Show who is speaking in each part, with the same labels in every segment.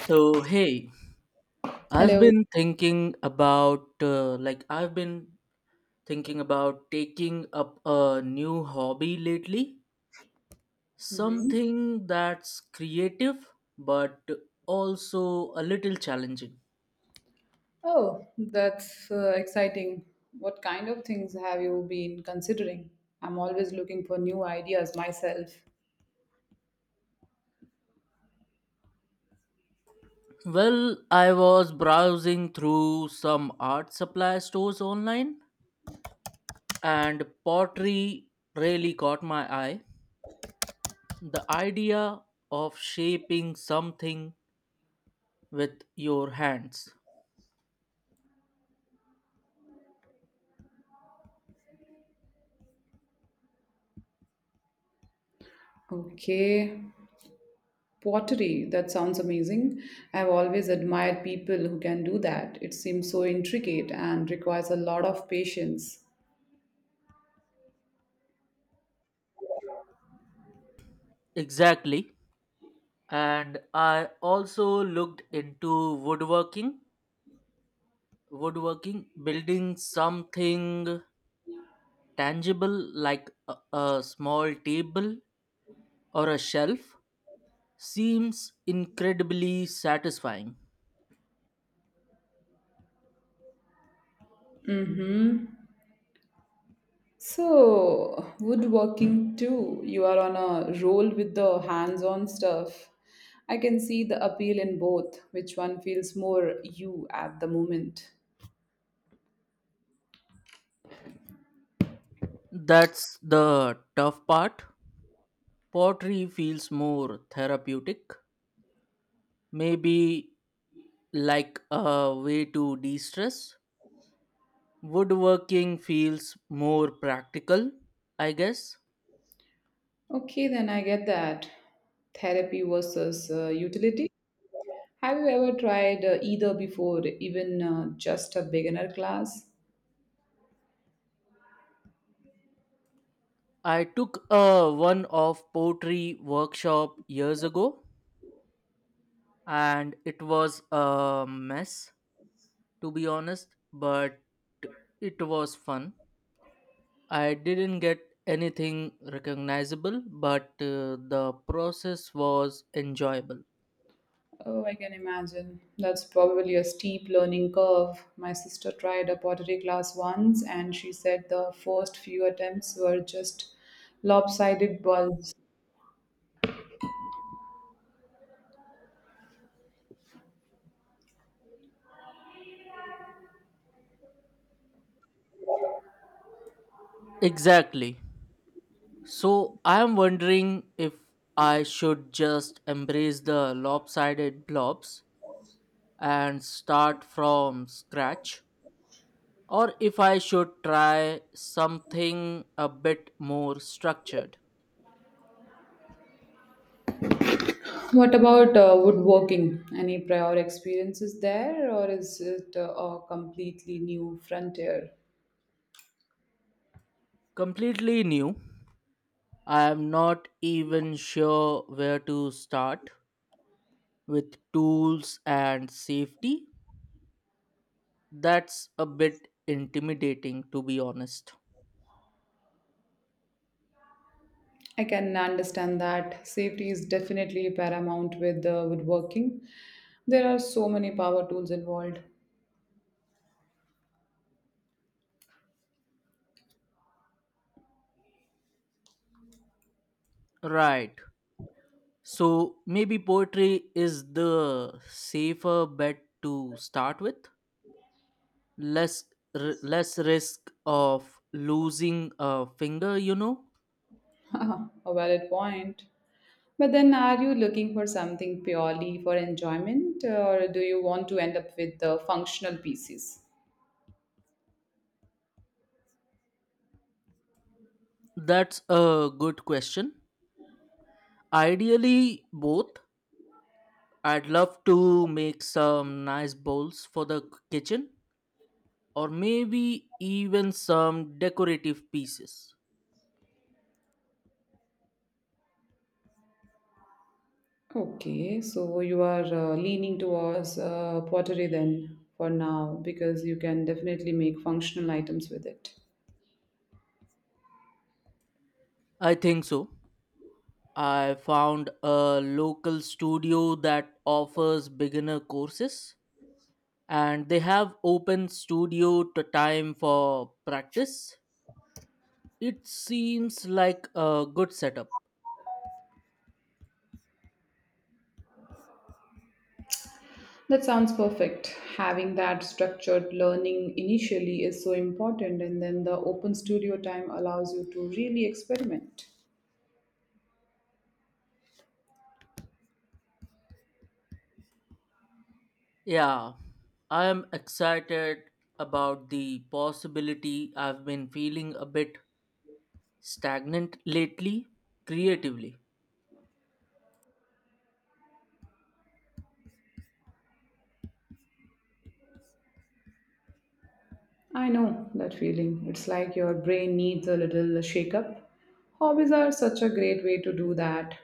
Speaker 1: So, hey, I've
Speaker 2: Hello.
Speaker 1: been thinking about like I've been thinking about taking up a new hobby lately,
Speaker 2: hmm
Speaker 1: something that's creative but also a little challenging.
Speaker 2: Oh, that's exciting. What kind of things have you been considering? I'm always looking for new ideas myself.
Speaker 1: Well, I was browsing through some art supply stores online and pottery really caught my eye. The idea of shaping something with your hands.
Speaker 2: Okay, pottery. That sounds amazing. I've always admired people who can do that. It seems so intricate and requires a lot of patience.
Speaker 1: Exactly, and I also looked into woodworking, building something tangible like a small table or a shelf seems incredibly satisfying.
Speaker 2: Mm-hmm. So, woodworking too. You are on a roll with the hands on stuff. I can see the appeal in both. Which one feels more you at the moment?
Speaker 1: That's the tough part. Pottery feels more therapeutic, maybe, like a way to de-stress. Woodworking feels more practical, I guess.
Speaker 2: Okay, then I get that. Therapy versus utility. Have you ever tried either before, even just a beginner class?
Speaker 1: I took a one off poetry workshop years ago and it was a mess, to be honest, but it was fun. I didn't get anything recognizable, but the process was enjoyable.
Speaker 2: Oh, I can imagine. That's probably a steep learning curve. My sister tried a pottery class once and she said the first few attempts were just lopsided bulbs.
Speaker 1: Exactly. So I am wondering if I should just embrace the lopsided blobs and start from scratch, or if I should try something a bit more structured.
Speaker 2: What about woodworking? Any prior experiences there or is it a completely new frontier?
Speaker 1: Completely new. I am not even sure where to start with tools and safety. That's a bit intimidating, to be honest.
Speaker 2: I can understand that safety is definitely paramount with woodworking. There are so many power tools involved.
Speaker 1: Right. So maybe poetry is the safer bet to start with. Less less risk of losing a finger, you know.
Speaker 2: Ah, a valid point. But then, are you looking for something purely for enjoyment, or do you want to end up with the functional pieces?
Speaker 1: That's a good question. Ideally, both. I'd love to make some nice bowls for the kitchen, or maybe even some decorative pieces.
Speaker 2: Okay, so you are leaning towards pottery then for now because you can definitely make functional items with it.
Speaker 1: I think so. I found a local studio that offers beginner courses and they have open studio to time for practice. It seems like a good setup.
Speaker 2: That sounds perfect. Having that structured learning initially is so important, and then the open studio time allows you to really experiment.
Speaker 1: Yeah, I am excited about the possibility. I've been feeling a bit stagnant lately, creatively.
Speaker 2: I know that feeling. It's like your brain needs a little shakeup. Hobbies are such a great way to do that.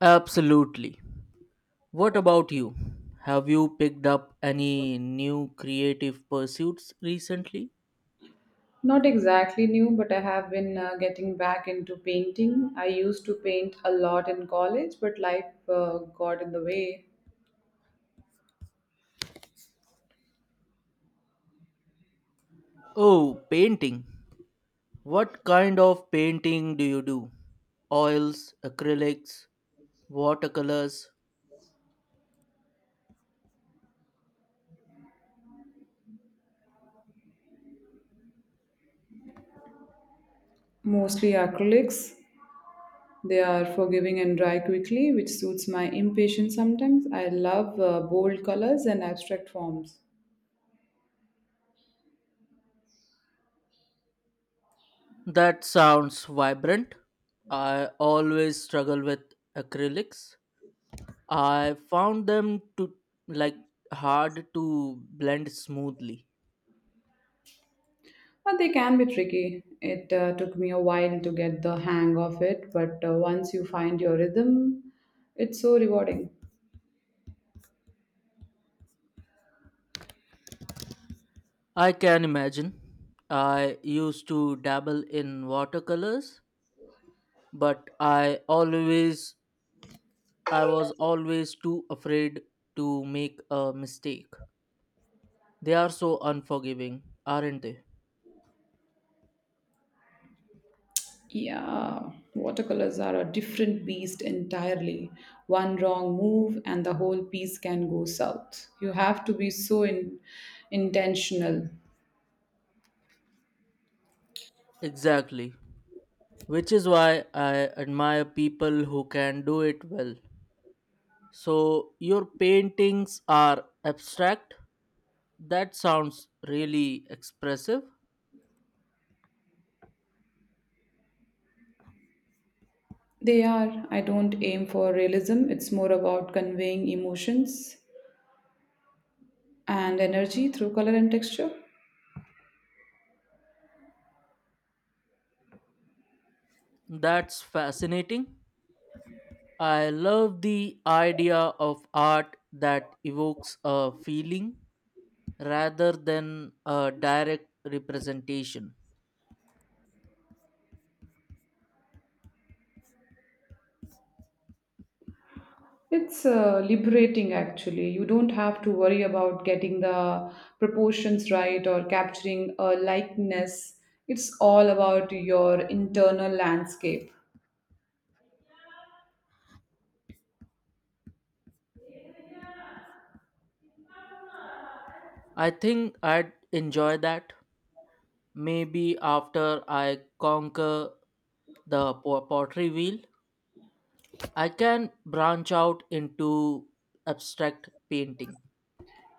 Speaker 1: Absolutely. What about you? Have you picked up any new creative pursuits recently?
Speaker 2: Not exactly new, but I have been getting back into painting. I used to paint a lot in college, but life got in the way.
Speaker 1: Oh, painting. What kind of painting do you do? Oils, acrylics, watercolors?
Speaker 2: Mostly acrylics. They are forgiving and dry quickly, which suits my impatience sometimes. I love bold colors and abstract forms.
Speaker 1: That sounds vibrant. I always struggle with acrylics. I found them to, like, hard to blend smoothly.
Speaker 2: But they can be tricky. It took me a while to get the hang of it, but once you find your rhythm, it's so rewarding.
Speaker 1: I can imagine. I used to dabble in watercolors, but I was always too afraid to make a mistake. They are so unforgiving, aren't they?
Speaker 2: Yeah, watercolors are a different beast entirely. One wrong move, and the whole piece can go south. You have to be intentional.
Speaker 1: Exactly. Which is why I admire people who can do it well. So your paintings are abstract? That sounds really expressive.
Speaker 2: They are. I don't aim for realism, it's more about conveying emotions and energy through color and texture.
Speaker 1: That's fascinating. I love the idea of art that evokes a feeling rather than a direct representation.
Speaker 2: It's liberating actually. You don't have to worry about getting the proportions right or capturing a likeness. It's all about your internal landscape.
Speaker 1: I think I'd enjoy that. Maybe after I conquer the pottery wheel, I can branch out into abstract painting.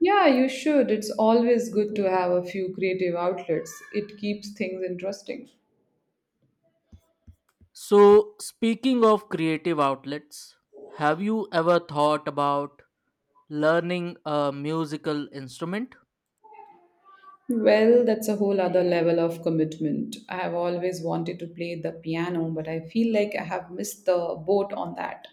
Speaker 2: Yeah, you should. It's always good to have a few creative outlets, it keeps things interesting.
Speaker 1: So, speaking of creative outlets, have you ever thought about learning a musical instrument?
Speaker 2: Well, that's a whole other level of commitment. I have always wanted to play the piano, but I feel like I have missed the boat on that.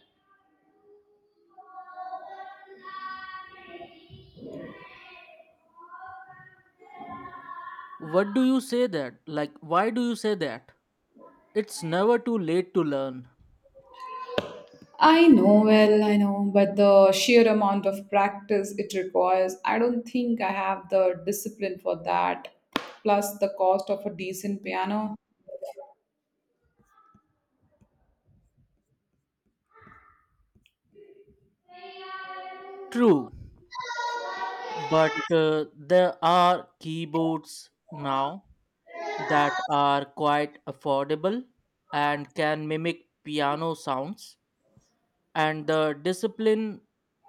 Speaker 1: What do you say that? Like, why do you say that? It's never too late to learn.
Speaker 2: I know, well, I know, but the sheer amount of practice it requires, I don't think I have the discipline for that. Plus, the cost of a decent piano.
Speaker 1: True, but there are keyboards now that are quite affordable and can mimic piano sounds. And the discipline,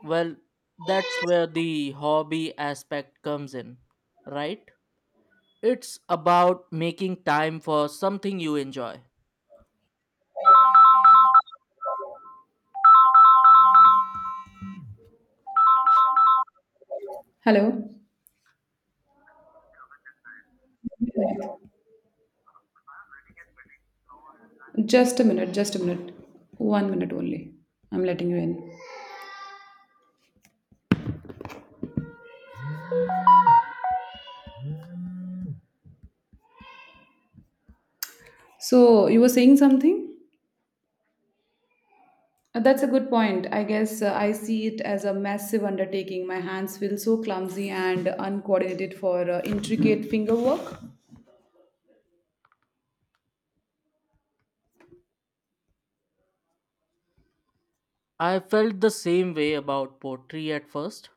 Speaker 1: well, that's where the hobby aspect comes in, right? It's about making time for something you enjoy.
Speaker 2: Hello? Just a minute, just a minute. 1 minute only. I'm letting you in. So, you were saying something? That's a good point. I guess I see it as a massive undertaking. My hands feel so clumsy and uncoordinated for intricate finger work.
Speaker 1: I felt the same way about poetry at first,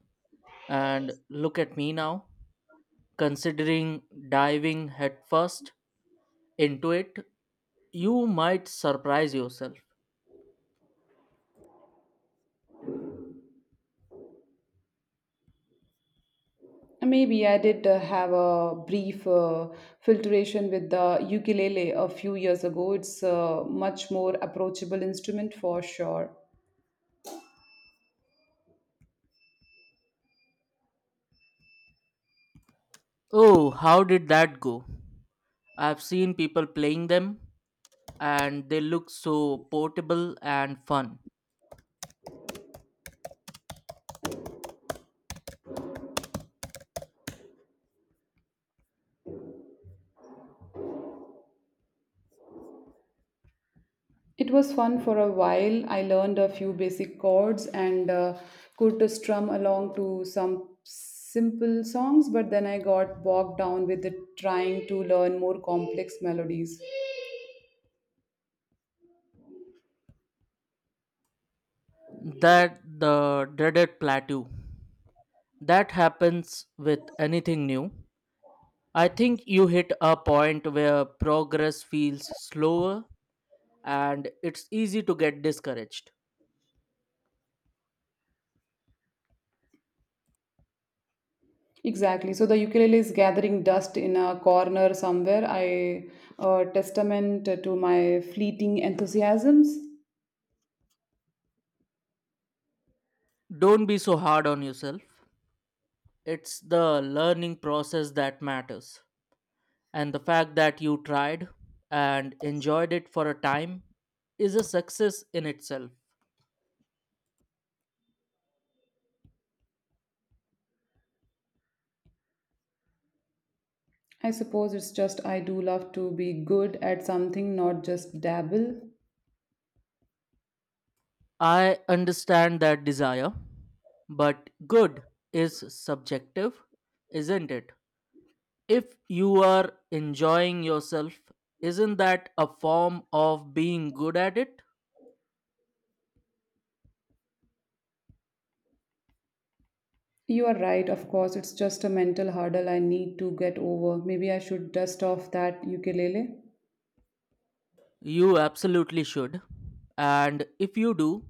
Speaker 1: and look at me now, considering diving headfirst into it. You might surprise yourself.
Speaker 2: Maybe I did have a brief filtration with the ukulele a few years ago. It's a much more approachable instrument for sure.
Speaker 1: Oh, how did that go? I've seen people playing them and they look so portable and fun.
Speaker 2: It was fun for a while. I learned a few basic chords and could strum along to some simple songs, but then I got bogged down with the trying to learn more complex melodies.
Speaker 1: That the dreaded plateau. That happens with anything new. I think you hit a point where progress feels slower and it's easy to get discouraged.
Speaker 2: Exactly. So the ukulele is gathering dust in a corner somewhere. I testament to my fleeting enthusiasms.
Speaker 1: Don't be so hard on yourself. It's the learning process that matters. And the fact that you tried and enjoyed it for a time is a success in itself.
Speaker 2: I suppose it's just I do love to be good at something, not just dabble.
Speaker 1: I understand that desire, but good is subjective, isn't it? If you are enjoying yourself, isn't that a form of being good at it?
Speaker 2: You are right, of course. It's just a mental hurdle I need to get over. Maybe I should dust off that ukulele.
Speaker 1: You absolutely should. And if you do,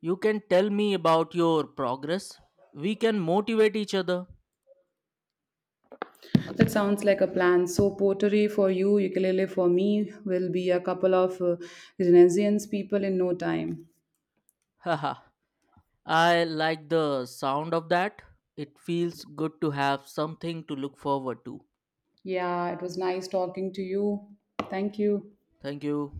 Speaker 1: you can tell me about your progress. We can motivate each other.
Speaker 2: That sounds like a plan. So pottery for you, ukulele for me will be a couple of Renaissance people in no time.
Speaker 1: Haha, I like the sound of that. It feels good to have something to look forward to.
Speaker 2: Yeah, it was nice talking to you. Thank you.
Speaker 1: Thank you.